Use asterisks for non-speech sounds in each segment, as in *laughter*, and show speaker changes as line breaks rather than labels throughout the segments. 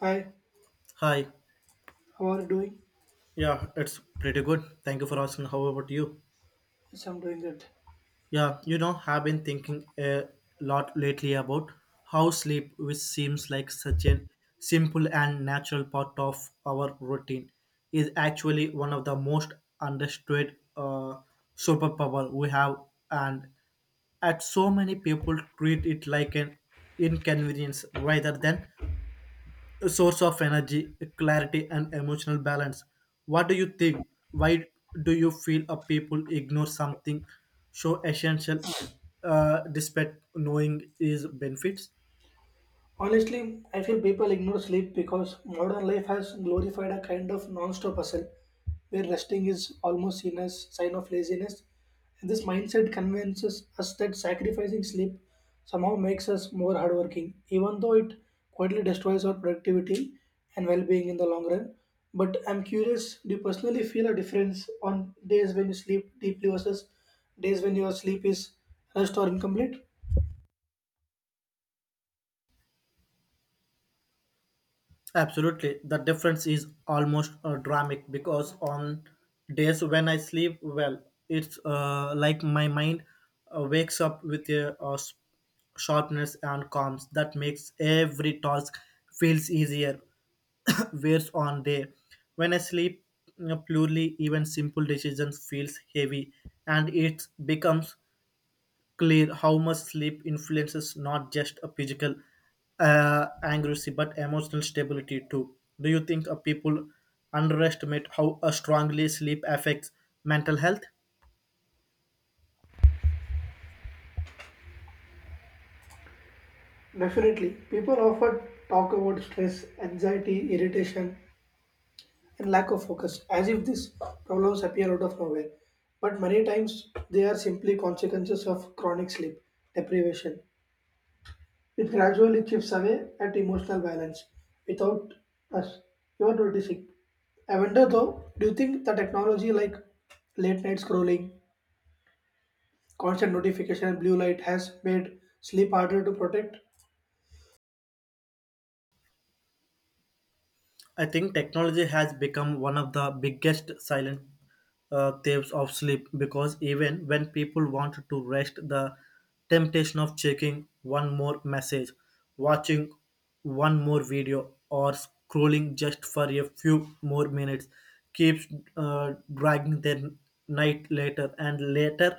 Hi,
Hi.
how are you doing?
Yeah, it's pretty good. Thank you for asking. How about you?
Yes, I'm doing good.
Yeah, have been thinking a lot lately about how sleep, which seems like such an simple and natural part of our routine, is actually one of the most understood superpower we have, and at so many people treat it like an inconvenience rather than a source of energy, clarity, and emotional balance. What do you think? Why do you feel a people ignore something so essential despite knowing its benefits?
Honestly, I feel people ignore sleep because modern life has glorified a kind of non-stop hustle where resting is almost seen as sign of laziness. And this mindset convinces us that sacrificing sleep somehow makes us more hardworking, even though it quietly destroys our productivity and well-being in the long run. But I'm curious, do you personally feel a difference on days when you sleep deeply versus days when your sleep is rushed or incomplete?
Absolutely. The difference is almost dramatic because on days when I sleep well, it's like my mind wakes up with a, sharpness and calms that makes every task feels easier. *coughs* Whereas on day when I sleep poorly, even simple decisions feels heavy and it becomes clear how much sleep influences not just a physical accuracy but emotional stability too. Do you think people underestimate how strongly sleep affects mental health?
Definitely, people often talk about stress, anxiety, irritation, and lack of focus as if these problems appear out of nowhere. But many times, they are simply consequences of chronic sleep deprivation. It gradually chips away at emotional balance without us even noticing. I wonder though, do you think the technology like late night scrolling, constant notification, and blue light has made sleep harder to protect?
I think technology has become one of the biggest silent thieves of sleep because even when people want to rest, the temptation of checking one more message, watching one more video, or scrolling just for a few more minutes keeps dragging their night later and later,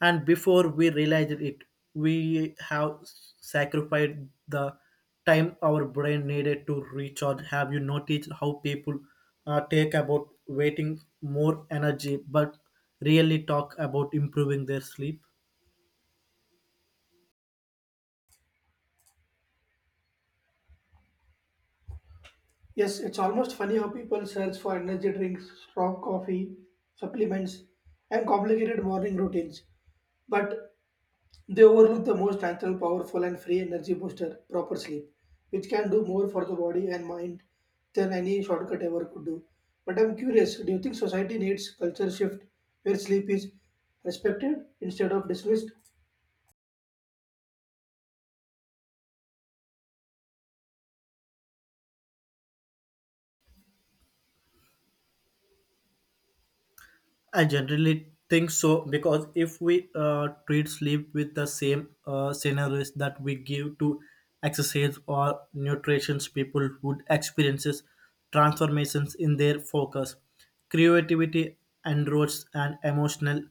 and before we realize it, we have sacrificed the time our brain needed to recharge. Have you noticed how people take about waiting more energy but really talk about improving their sleep?
Yes, it's almost funny how people search for energy drinks, strong coffee, supplements, and complicated morning routines, but they overlook the most natural, powerful, and free energy booster, proper sleep, which can do more for the body and mind than any shortcut ever could do. But I'm curious, do you think society needs culture shift where sleep is respected instead of dismissed?
I generally think so because if we treat sleep with the same scenarios that we give to exercise or nutrition, people would experiences transformations in their focus, creativity, and roads and emotional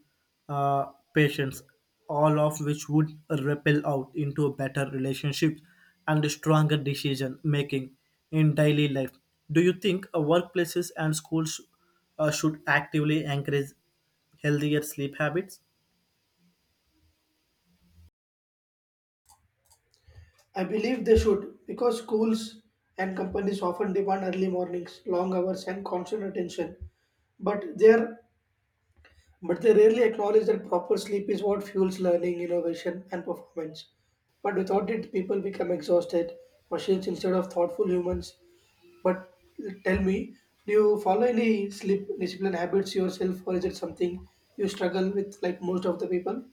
uh, patience, all of which would ripple out into a better relationships and stronger decision making in daily life. Do you think workplaces and schools should actively encourage healthier sleep habits?
I believe they should because schools and companies often demand early mornings, long hours, and constant attention. But they are, but they rarely acknowledge that proper sleep is what fuels learning, innovation, and performance. But without it, people become exhausted machines instead of thoughtful humans. But tell me, do you follow any sleep discipline habits yourself, or is it something you struggle with like most of the people?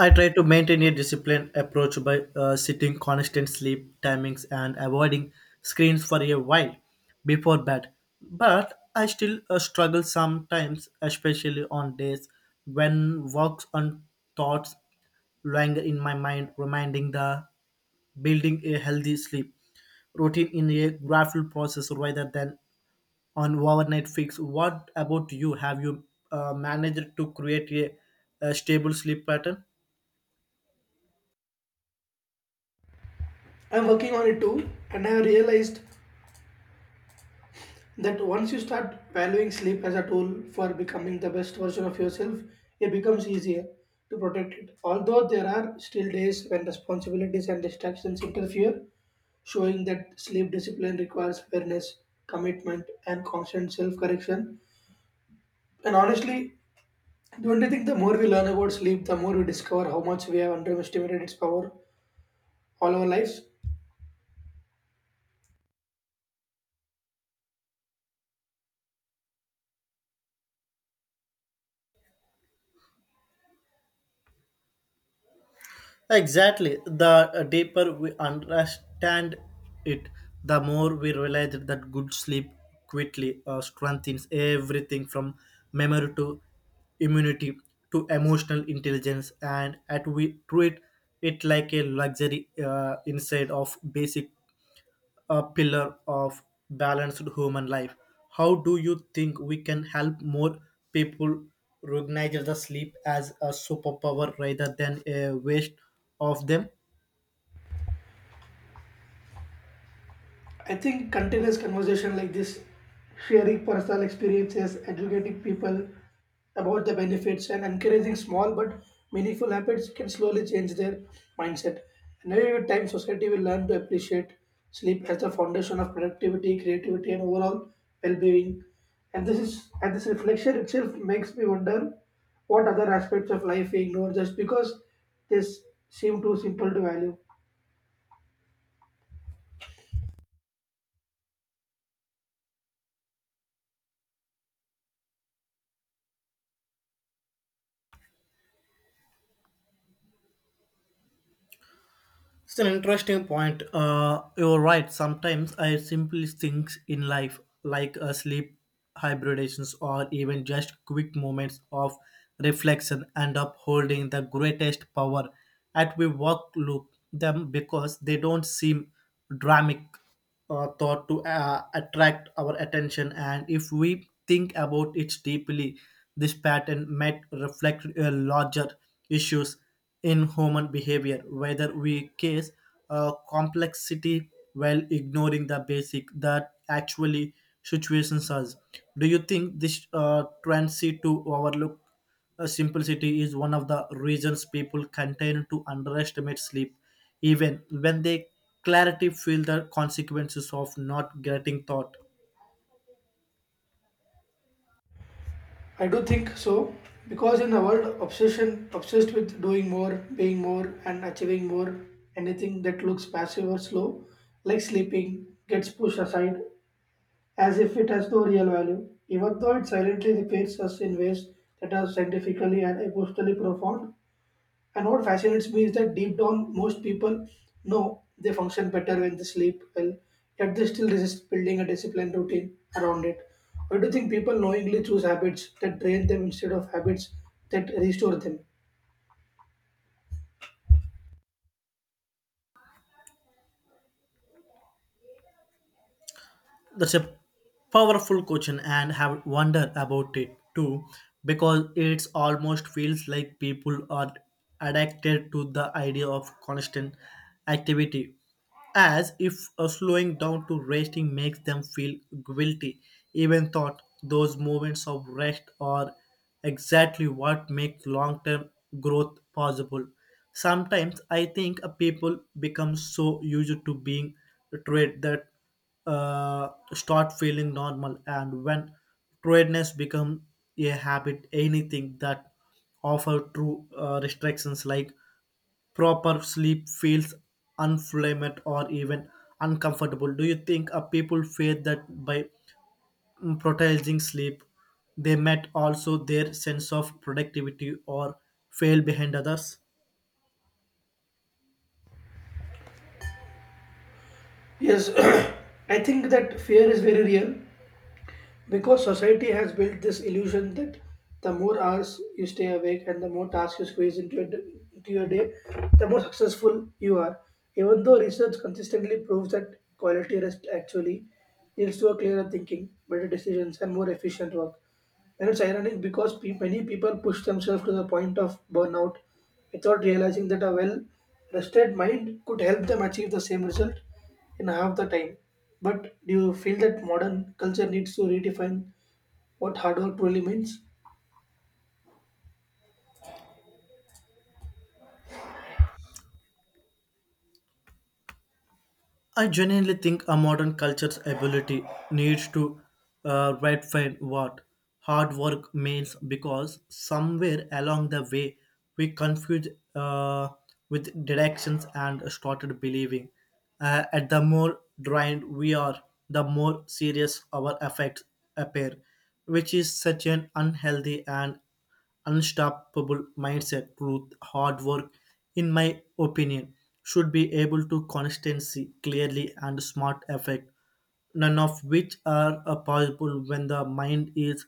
I try to maintain a disciplined approach by setting constant sleep timings and avoiding screens for a while before bed. But I still struggle sometimes, especially on days when works and thoughts linger in my mind, reminding the building a healthy sleep routine in a gradual process rather than on overnight fix. What about you? Have you managed to create a stable sleep pattern?
I'm working on it too, and I have realized that once you start valuing sleep as a tool for becoming the best version of yourself, it becomes easier to protect it. Although there are still days when responsibilities and distractions interfere, showing that sleep discipline requires awareness, commitment, and constant self correction. And honestly, don't you think the more we learn about sleep, the more we discover how much we have underestimated its power all our lives?
Exactly. The deeper we understand it, the more we realize that good sleep quickly strengthens everything from memory to immunity to emotional intelligence, and at we treat it like a luxury instead of basic a pillar of balanced human life. How do you think we can help more people recognize the sleep as a superpower rather than a waste of them?
I think continuous conversation like this, sharing personal experiences, educating people about the benefits, and encouraging small but meaningful habits can slowly change their mindset. And over time, society will learn to appreciate sleep as the foundation of productivity, creativity, and overall well-being. And this reflection itself makes me wonder what other aspects of life we ignore just because they s- seem too simple to value.
It's an interesting point. You're right. Sometimes I simply think in life, like a sleep hybridations or even just quick moments of reflection, end up holding the greatest power. At we walk loop them because they don't seem dramatic thought to attract our attention. And if we think about it deeply, this pattern might reflect larger issues in human behavior, whether we case complexity while ignoring the basic that actually situations us. Do you think this tendency to overlook simplicity is one of the reasons people continue to underestimate sleep, even when they clarity feel the consequences of not getting thought?
I do think so because in a world obsession obsessed with doing more, being more and achieving more, anything that looks passive or slow, like sleeping, gets pushed aside as if it has no real value, even though it silently repairs us in ways that are scientifically and emotionally profound. And what fascinates me is that deep down, most people know they function better when they sleep well, yet they still resist building a disciplined routine around it. Or do you think people knowingly choose habits that drain them instead of habits that restore them?
That's a powerful question and have wondered about it too because it's almost feels like people are addicted to the idea of constant activity, as if a slowing down to resting makes them feel guilty even thought those moments of rest are exactly what make long-term growth possible. Sometimes I think people become so used to being treated that start feeling normal, and when tiredness become a habit, anything that offer true restrictions like proper sleep feels unflamed or even uncomfortable. Do you think people fear that by prioritizing sleep they met also their sense of productivity or fail behind others?
Yes, *clears throat* I think that fear is very real. Because society has built this illusion that the more hours you stay awake and the more tasks you squeeze into into your day, the more successful you are. Even though research consistently proves that quality rest actually leads to a clearer thinking, better decisions, and more efficient work. And it's ironic because many people push themselves to the point of burnout without realizing that a well rested mind could help them achieve the same result in half the time. But do you feel that modern culture needs to redefine what hard work truly means?
I genuinely think a modern culture's ability needs to redefine what hard work means, because somewhere along the way we confused uh, with directions and started believing at the more drained we are, the more serious our effects appear, which is such an unhealthy and unstoppable mindset. Truth, hard work, in my opinion, should be able to constancy clearly and smart effect, none of which are possible when the mind is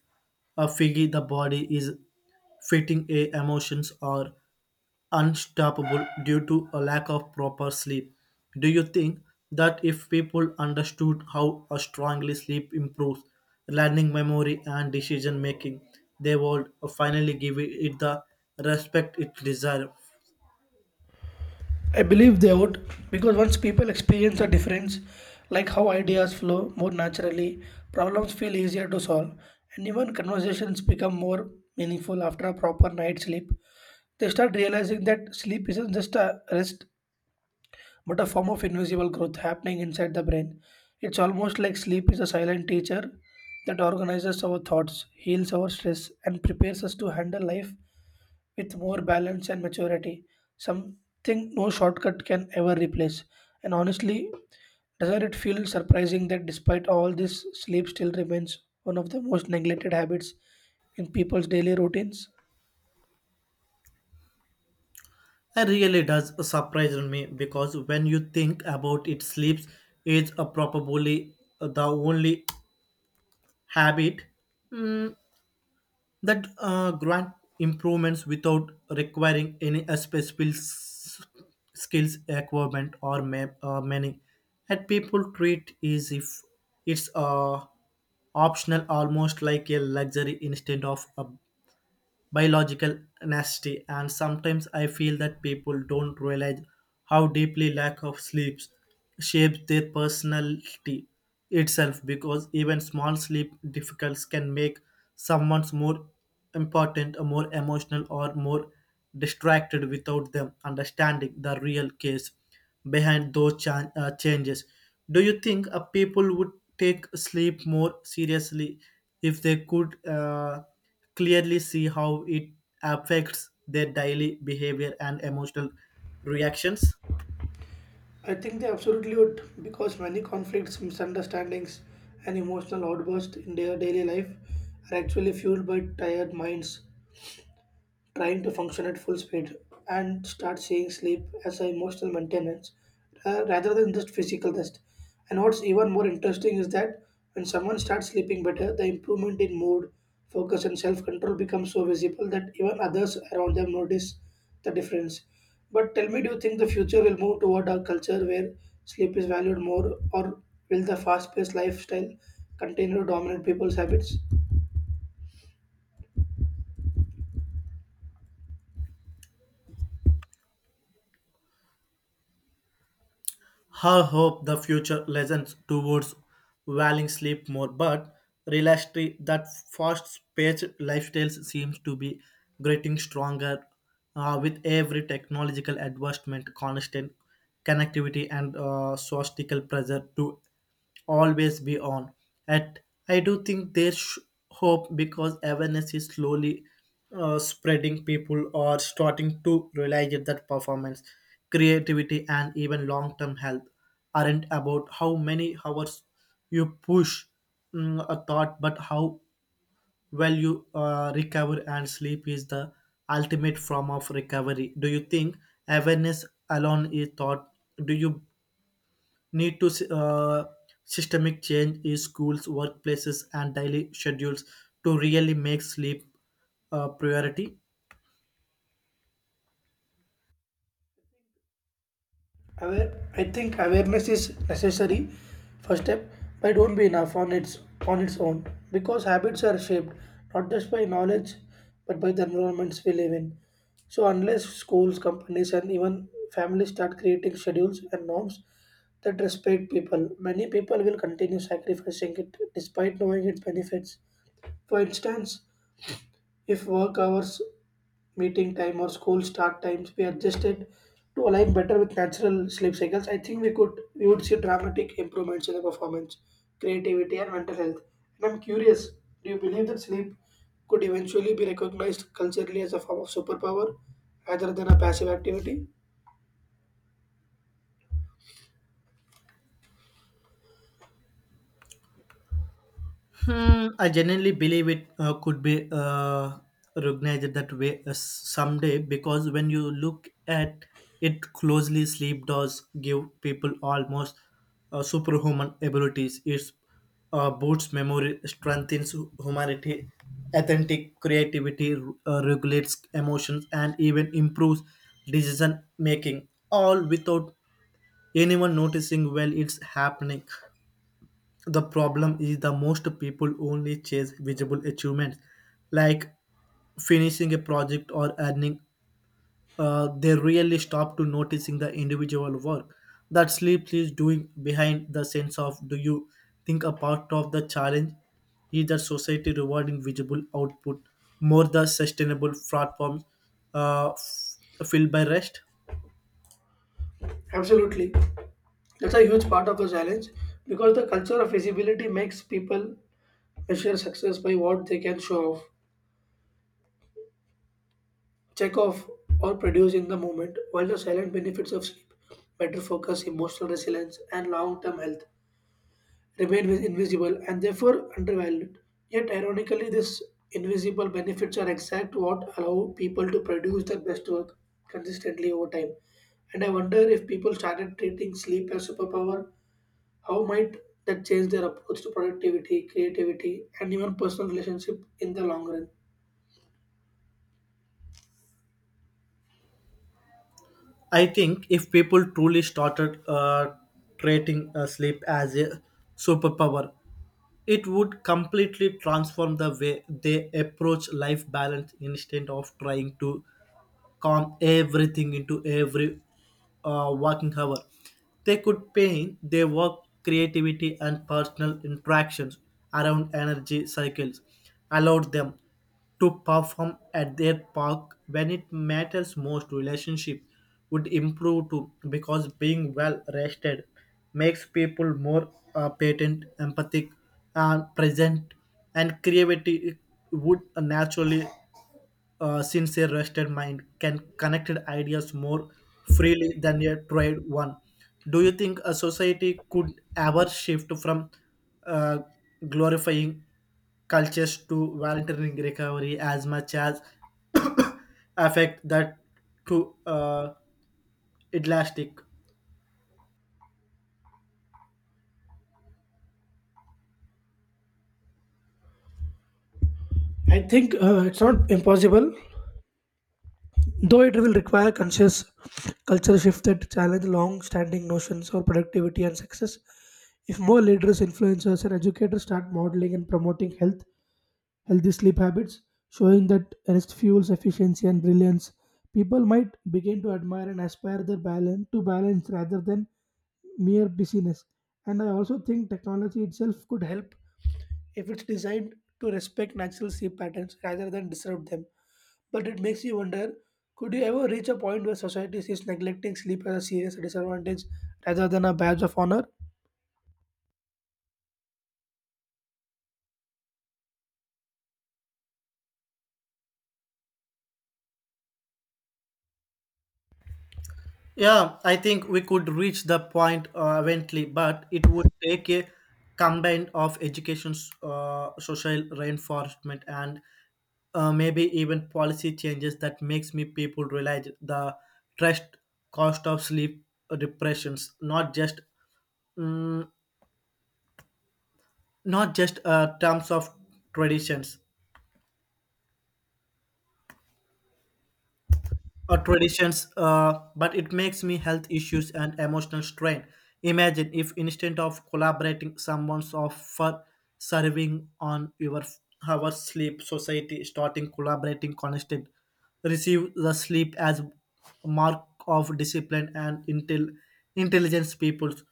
a figgy, the body is fitting a emotions or unstoppable due to a lack of proper sleep. Do you think that if people understood how a strongly sleep improves learning memory and decision making, they would finally give it the respect it deserves?
I believe they would because once people experience a difference, like how ideas flow more naturally, problems feel easier to solve, and even conversations become more meaningful after a proper night's sleep. They start realizing that sleep isn't just a rest but a form of invisible growth happening inside the brain. It's almost like sleep is a silent teacher that organizes our thoughts, heals our stress, and prepares us to handle life with more balance and maturity, something no shortcut can ever replace. And honestly, doesn't it feel surprising that despite all this, sleep still remains one of the most neglected habits in people's daily routines?
It really does surprise me because when you think about it, sleep is a probably the only habit that grant improvements without requiring any special skills equipment or many, and people treat is if it's optional, almost like a luxury instead of a biological nasty. And sometimes I feel that people don't realize how deeply lack of sleep shapes their personality itself, because even small sleep difficulties can make someone more important or more emotional or more distracted without them understanding the real case behind those changes. Do you think people would take sleep more seriously if they could clearly see how it affects their daily behavior and emotional reactions?
I think they absolutely would because many conflicts, misunderstandings, and emotional outbursts in their daily life are actually fueled by tired minds trying to function at full speed and start seeing sleep as an emotional maintenance, rather than just physical rest. And what's even more interesting is that when someone starts sleeping better, the improvement in mood, focus, and self control becomes so visible that even others around them notice the difference. But tell me, do you think the future will move toward a culture where sleep is valued more, or will the fast paced lifestyle continue to dominate people's habits?
Her hope the future lessons towards valuing sleep more, but realistically, that fast paced lifestyles seems to be getting stronger with every technological advancement, constant connectivity, and societal pressure to always be on. At I do think there's hope because awareness is slowly spreading. People are starting to realize that performance, creativity, and even long-term health aren't about how many hours you push a thought, but how well you recover. And sleep is the ultimate form of recovery. Do you think awareness alone is thought? Do you need to uh, systemic change in schools workplaces and daily schedules to really make sleep a priority?
Aware, I think awareness is necessary. First step, but do not be enough on its own because habits are shaped not just by knowledge but by the environments we live in. So unless schools, companies, and even families start creating schedules and norms that respect people, many people will continue sacrificing it despite knowing its benefits. For instance, if work hours, meeting time, or school start times were adjusted to align better with natural sleep cycles, I think we would see dramatic improvements in the performance, creativity, and mental health. And I'm curious, do you believe that sleep could eventually be recognized culturally as a form of superpower rather than a passive activity?
Hmm, I genuinely believe it could be recognized that way someday, because when you look at it closely, sleep does give people almost superhuman abilities. It boosts memory, strengthens humanity, authentic creativity, regulates emotions, and even improves decision making, all without anyone noticing while it's happening. The problem is the most people only chase visible achievements like finishing a project or earning. They really stop to noticing the individual work that sleep is doing behind the sense of. Do you think a part of the challenge is that society rewarding visible output more the sustainable platforms uh, f- filled by rest?
Absolutely. That's a huge part of the challenge because the culture of visibility makes people measure success by what they can show off, check off or produce in the moment, while the silent benefits of sleep, better focus, emotional resilience, and long term health, remain invisible and therefore undervalued. Yet, ironically, these invisible benefits are exact what allow people to produce their best work consistently over time. And I wonder if people started treating sleep as superpower, how might that change their approach to productivity, creativity, and even personal relationship in the long run?
I think if people truly started treating sleep as a superpower, it would completely transform the way they approach life balance instead of trying to calm everything into every working hour. They could paint their work, creativity, and personal interactions around energy cycles, allowed them to perform at their park when it matters most. Relationship would improve too because being well rested makes people more patent empathic and present, and creativity would naturally since a rested mind can connect ideas more freely than a tried one. Do you think a society could ever shift from uh, glorifying cultures to voluntary recovery as much as *coughs* affect that to elastic?
I think it's not impossible. Though it will require conscious culture shift that challenge long-standing notions of productivity and success, if more leaders, influencers, and educators start modeling and promoting healthy sleep habits, showing that rest fuels efficiency and brilliance, people might begin to admire and aspire their balance rather than mere busyness. And I also think technology itself could help if it's designed to respect natural sleep patterns rather than disrupt them. But it makes you wonder, could you ever reach a point where society sees neglecting sleep as a serious disadvantage rather than a badge of honor?
Yeah, I think we could reach the point eventually, but it would take a combined of education, social reinforcement, and maybe even policy changes that makes me people realize the trust cost of sleep depressions, not just mm, not just terms of traditions, or traditions, but it makes me health issues and emotional strain. Imagine if instead of collaborating, someone's offer serving on your our sleep society starting collaborating constant receive the sleep as mark of discipline and intelligence. People's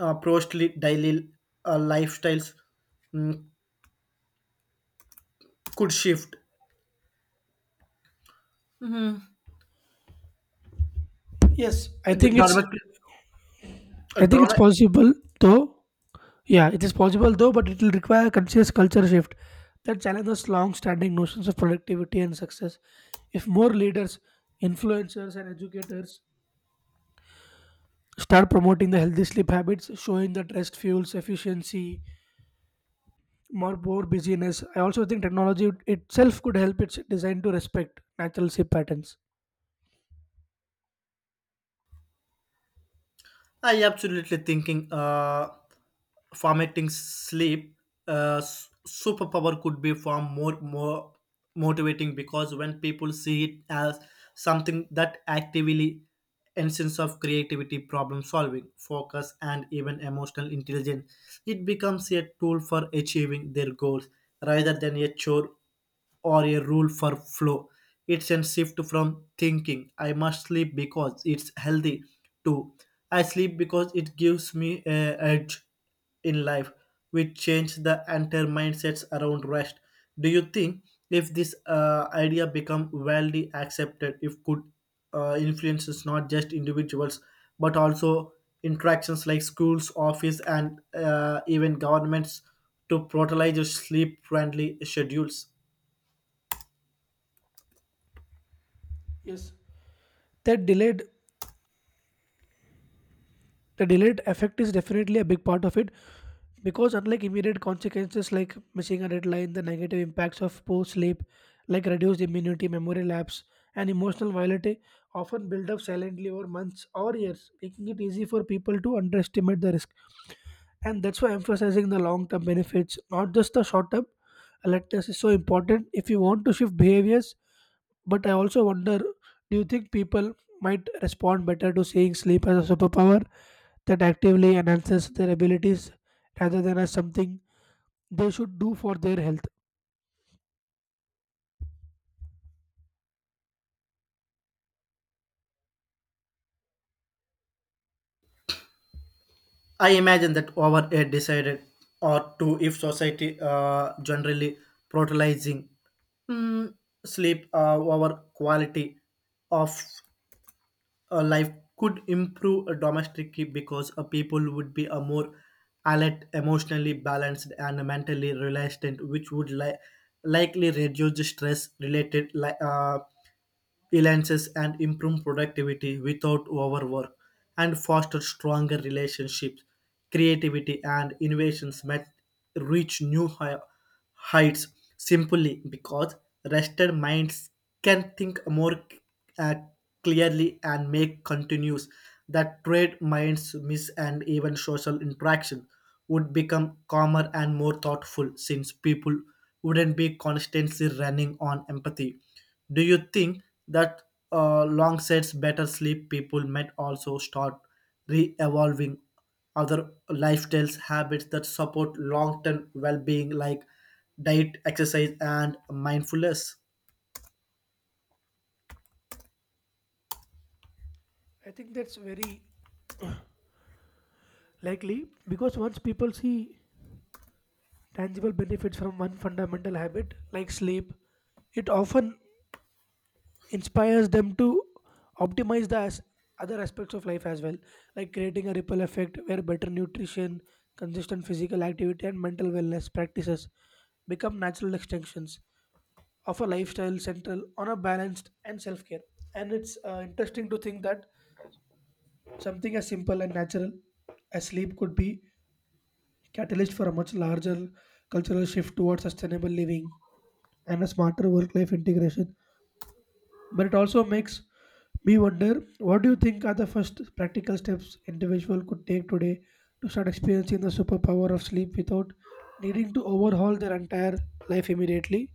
mostly daily lifestyles mm, could shift.
Yes,
The dramatic, uh,
I think it's
drama-
possible though. Yeah, it is possible though, but it will require a conscious culture shift that challenges long-standing notions of productivity and success. If more leaders, influencers, and educators start promoting the healthy sleep habits, showing that rest fuels efficiency more busyness. I also think technology itself could help its design to respect natural sleep patterns.
I absolutely thinking formatting sleep superpower could be far more motivating, because when people see it as something that actively instance of creativity problem solving focus and even emotional intelligence, it becomes a tool for achieving their goals rather than a chore or a rule for flow. It's a shift from thinking I must sleep because it's healthy to I sleep because it gives me a edge in life, which changed the entire mindsets around rest. Do you think if this idea become widely accepted, if could influences not just individuals but also interactions like schools, office, and even governments to prioritize sleep-friendly schedules?
Yes, that delayed the delayed effect is definitely a big part of it because unlike immediate consequences like missing a deadline, the negative impacts of poor sleep, like reduced immunity, memory lapse, and emotional volatility, often build up silently over months or years, making it easy for people to underestimate the risk. And that's why emphasizing the long term benefits not just the short term alertness is so important if you want to shift behaviors. But I also wonder, do you think people might respond better to seeing sleep as a superpower that actively enhances their abilities rather than as something they should do for their health?
I imagine that over a decided or two, if society generally prioritizing mm, sleep over quality of life could improve a domestic, because a people would be a more alert, emotionally balanced, and mentally relaxed, which would likely reduce the stress related freelancers and improve productivity without overwork and foster stronger relationships. Creativity and innovations might reach new heights simply because rested minds can think more uh, clearly and make continues that trade minds miss, and even social interaction would become calmer and more thoughtful since people wouldn't be constantly running on empathy. Do you think that long sets, better sleep people might also start re-evolving other lifestyles, habits that support long-term well-being like diet, exercise, and mindfulness?
I think that's very likely because once people see tangible benefits from one fundamental habit like sleep, it often inspires them to optimize other aspects of life as well, like creating a ripple effect where better nutrition, consistent physical activity, and mental wellness practices become natural extensions of a lifestyle central on a balanced and self care. And it's interesting to think that something as simple and natural as sleep could be catalyst for a much larger cultural shift towards sustainable living and a smarter work life integration. But it also makes me wonder, what do you think are the first practical steps individual could take today to start experiencing the superpower of sleep without needing to overhaul their entire life immediately?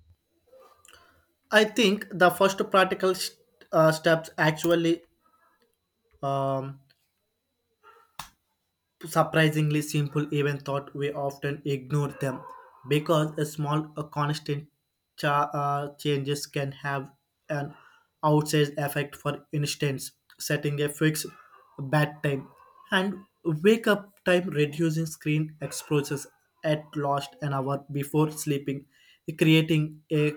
I think the first practical steps actually um, surprisingly simple even thought we often ignore them, because a small a constant changes can have an outsized effect. For instance, setting a fixed bedtime and wake up time, reducing screen exposures at least an hour before sleeping, creating a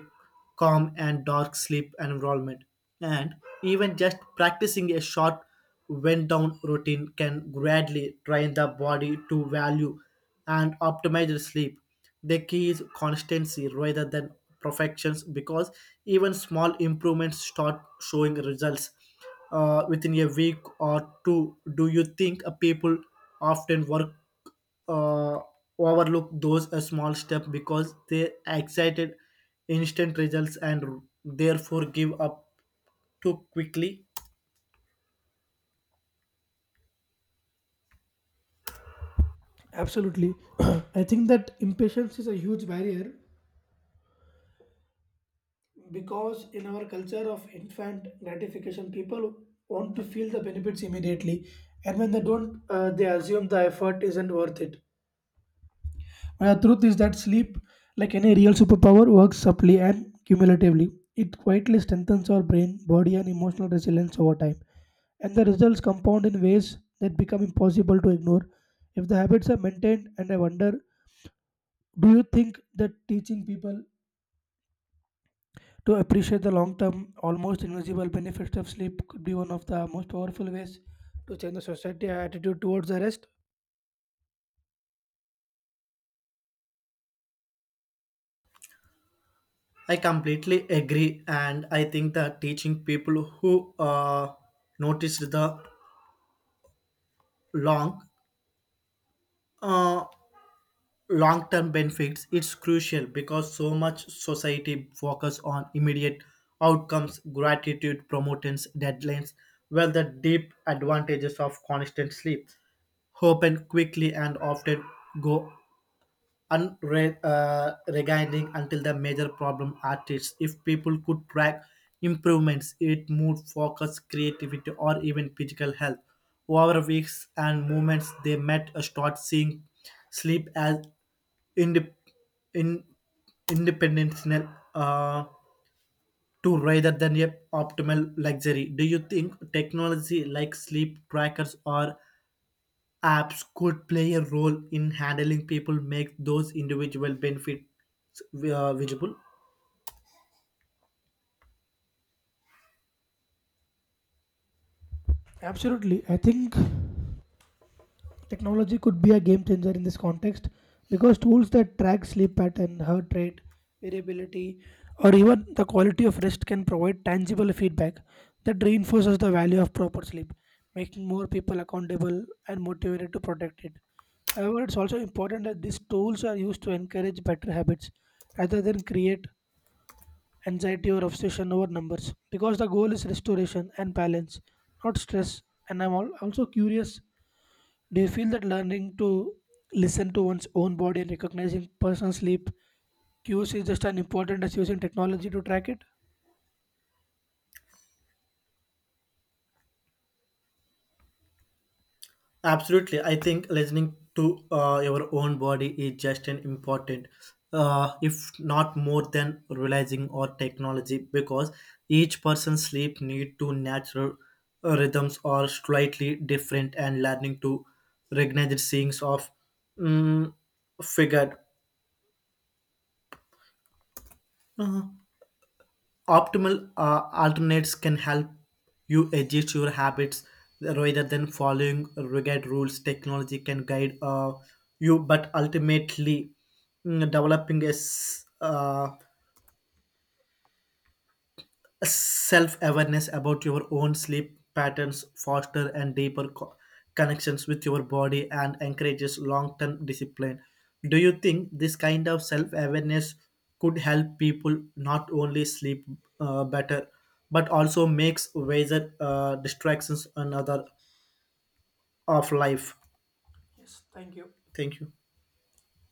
calm and dark sleep environment. And even just practicing a short wind down routine can gradually train the body to value and optimize the sleep. The key is constancy rather than perfections, because even small improvements start showing results within a week or two. Do you think people often work uh, overlook those small steps because they excited instant results and therefore give up too quickly?
Absolutely. *clears throat* I think that impatience is a huge barrier because in our culture of infant gratification, people want to feel the benefits immediately, and when they don't, they assume the effort isn't worth it. The truth is that sleep, like any real superpower, works subtly and cumulatively. It quietly strengthens our brain, body, and emotional resilience over time, and the results compound in ways that become impossible to ignore if the habits are maintained. And I wonder, do you think that teaching people to appreciate the long term, almost invisible benefits of sleep could be one of the most powerful ways to change the society attitude towards the rest?
I completely agree, and I think that teaching people who noticed the long uh, long-term benefits it's crucial because so much society focus on immediate outcomes gratitude promotions deadlines while the deep advantages of constant sleep open quickly and often go unread regaining until the major problem artists. If people could track improvements it mood focus creativity or even physical health over weeks and moments, they might start seeing sleep as indep- in independence uh, to rather than a optimal luxury. Do you think technology like sleep trackers or apps could play a role in handling people make those individual benefits visible?
Absolutely. I think technology could be a game changer in this context because tools that track sleep pattern, heart rate, variability, or even the quality of rest can provide tangible feedback that reinforces the value of proper sleep, making more people accountable and motivated to protect it. However, it's also important that these tools are used to encourage better habits rather than create anxiety or obsession over numbers because the goal is restoration and balance, not stress. And I'm also curious, do you feel that learning to listen to one's own body and recognizing personal sleep cues is just as important as using technology to track it?
Absolutely. I think listening to your own body is just an important if not more than realizing or technology, because each person's sleep need to natural rhythms are slightly different and learning to recognize the things of mm, figured Uh, optimal alternates can help you adjust your habits rather than following rigid rules. Technology can guide you, but ultimately, developing a self-awareness about your own sleep patterns foster and deeper connections with your body and encourages long-term discipline. Do you think this kind of self-awareness could help people not only sleep better but also makes wiser distractions and other of life?
Yes, thank you.
Thank you.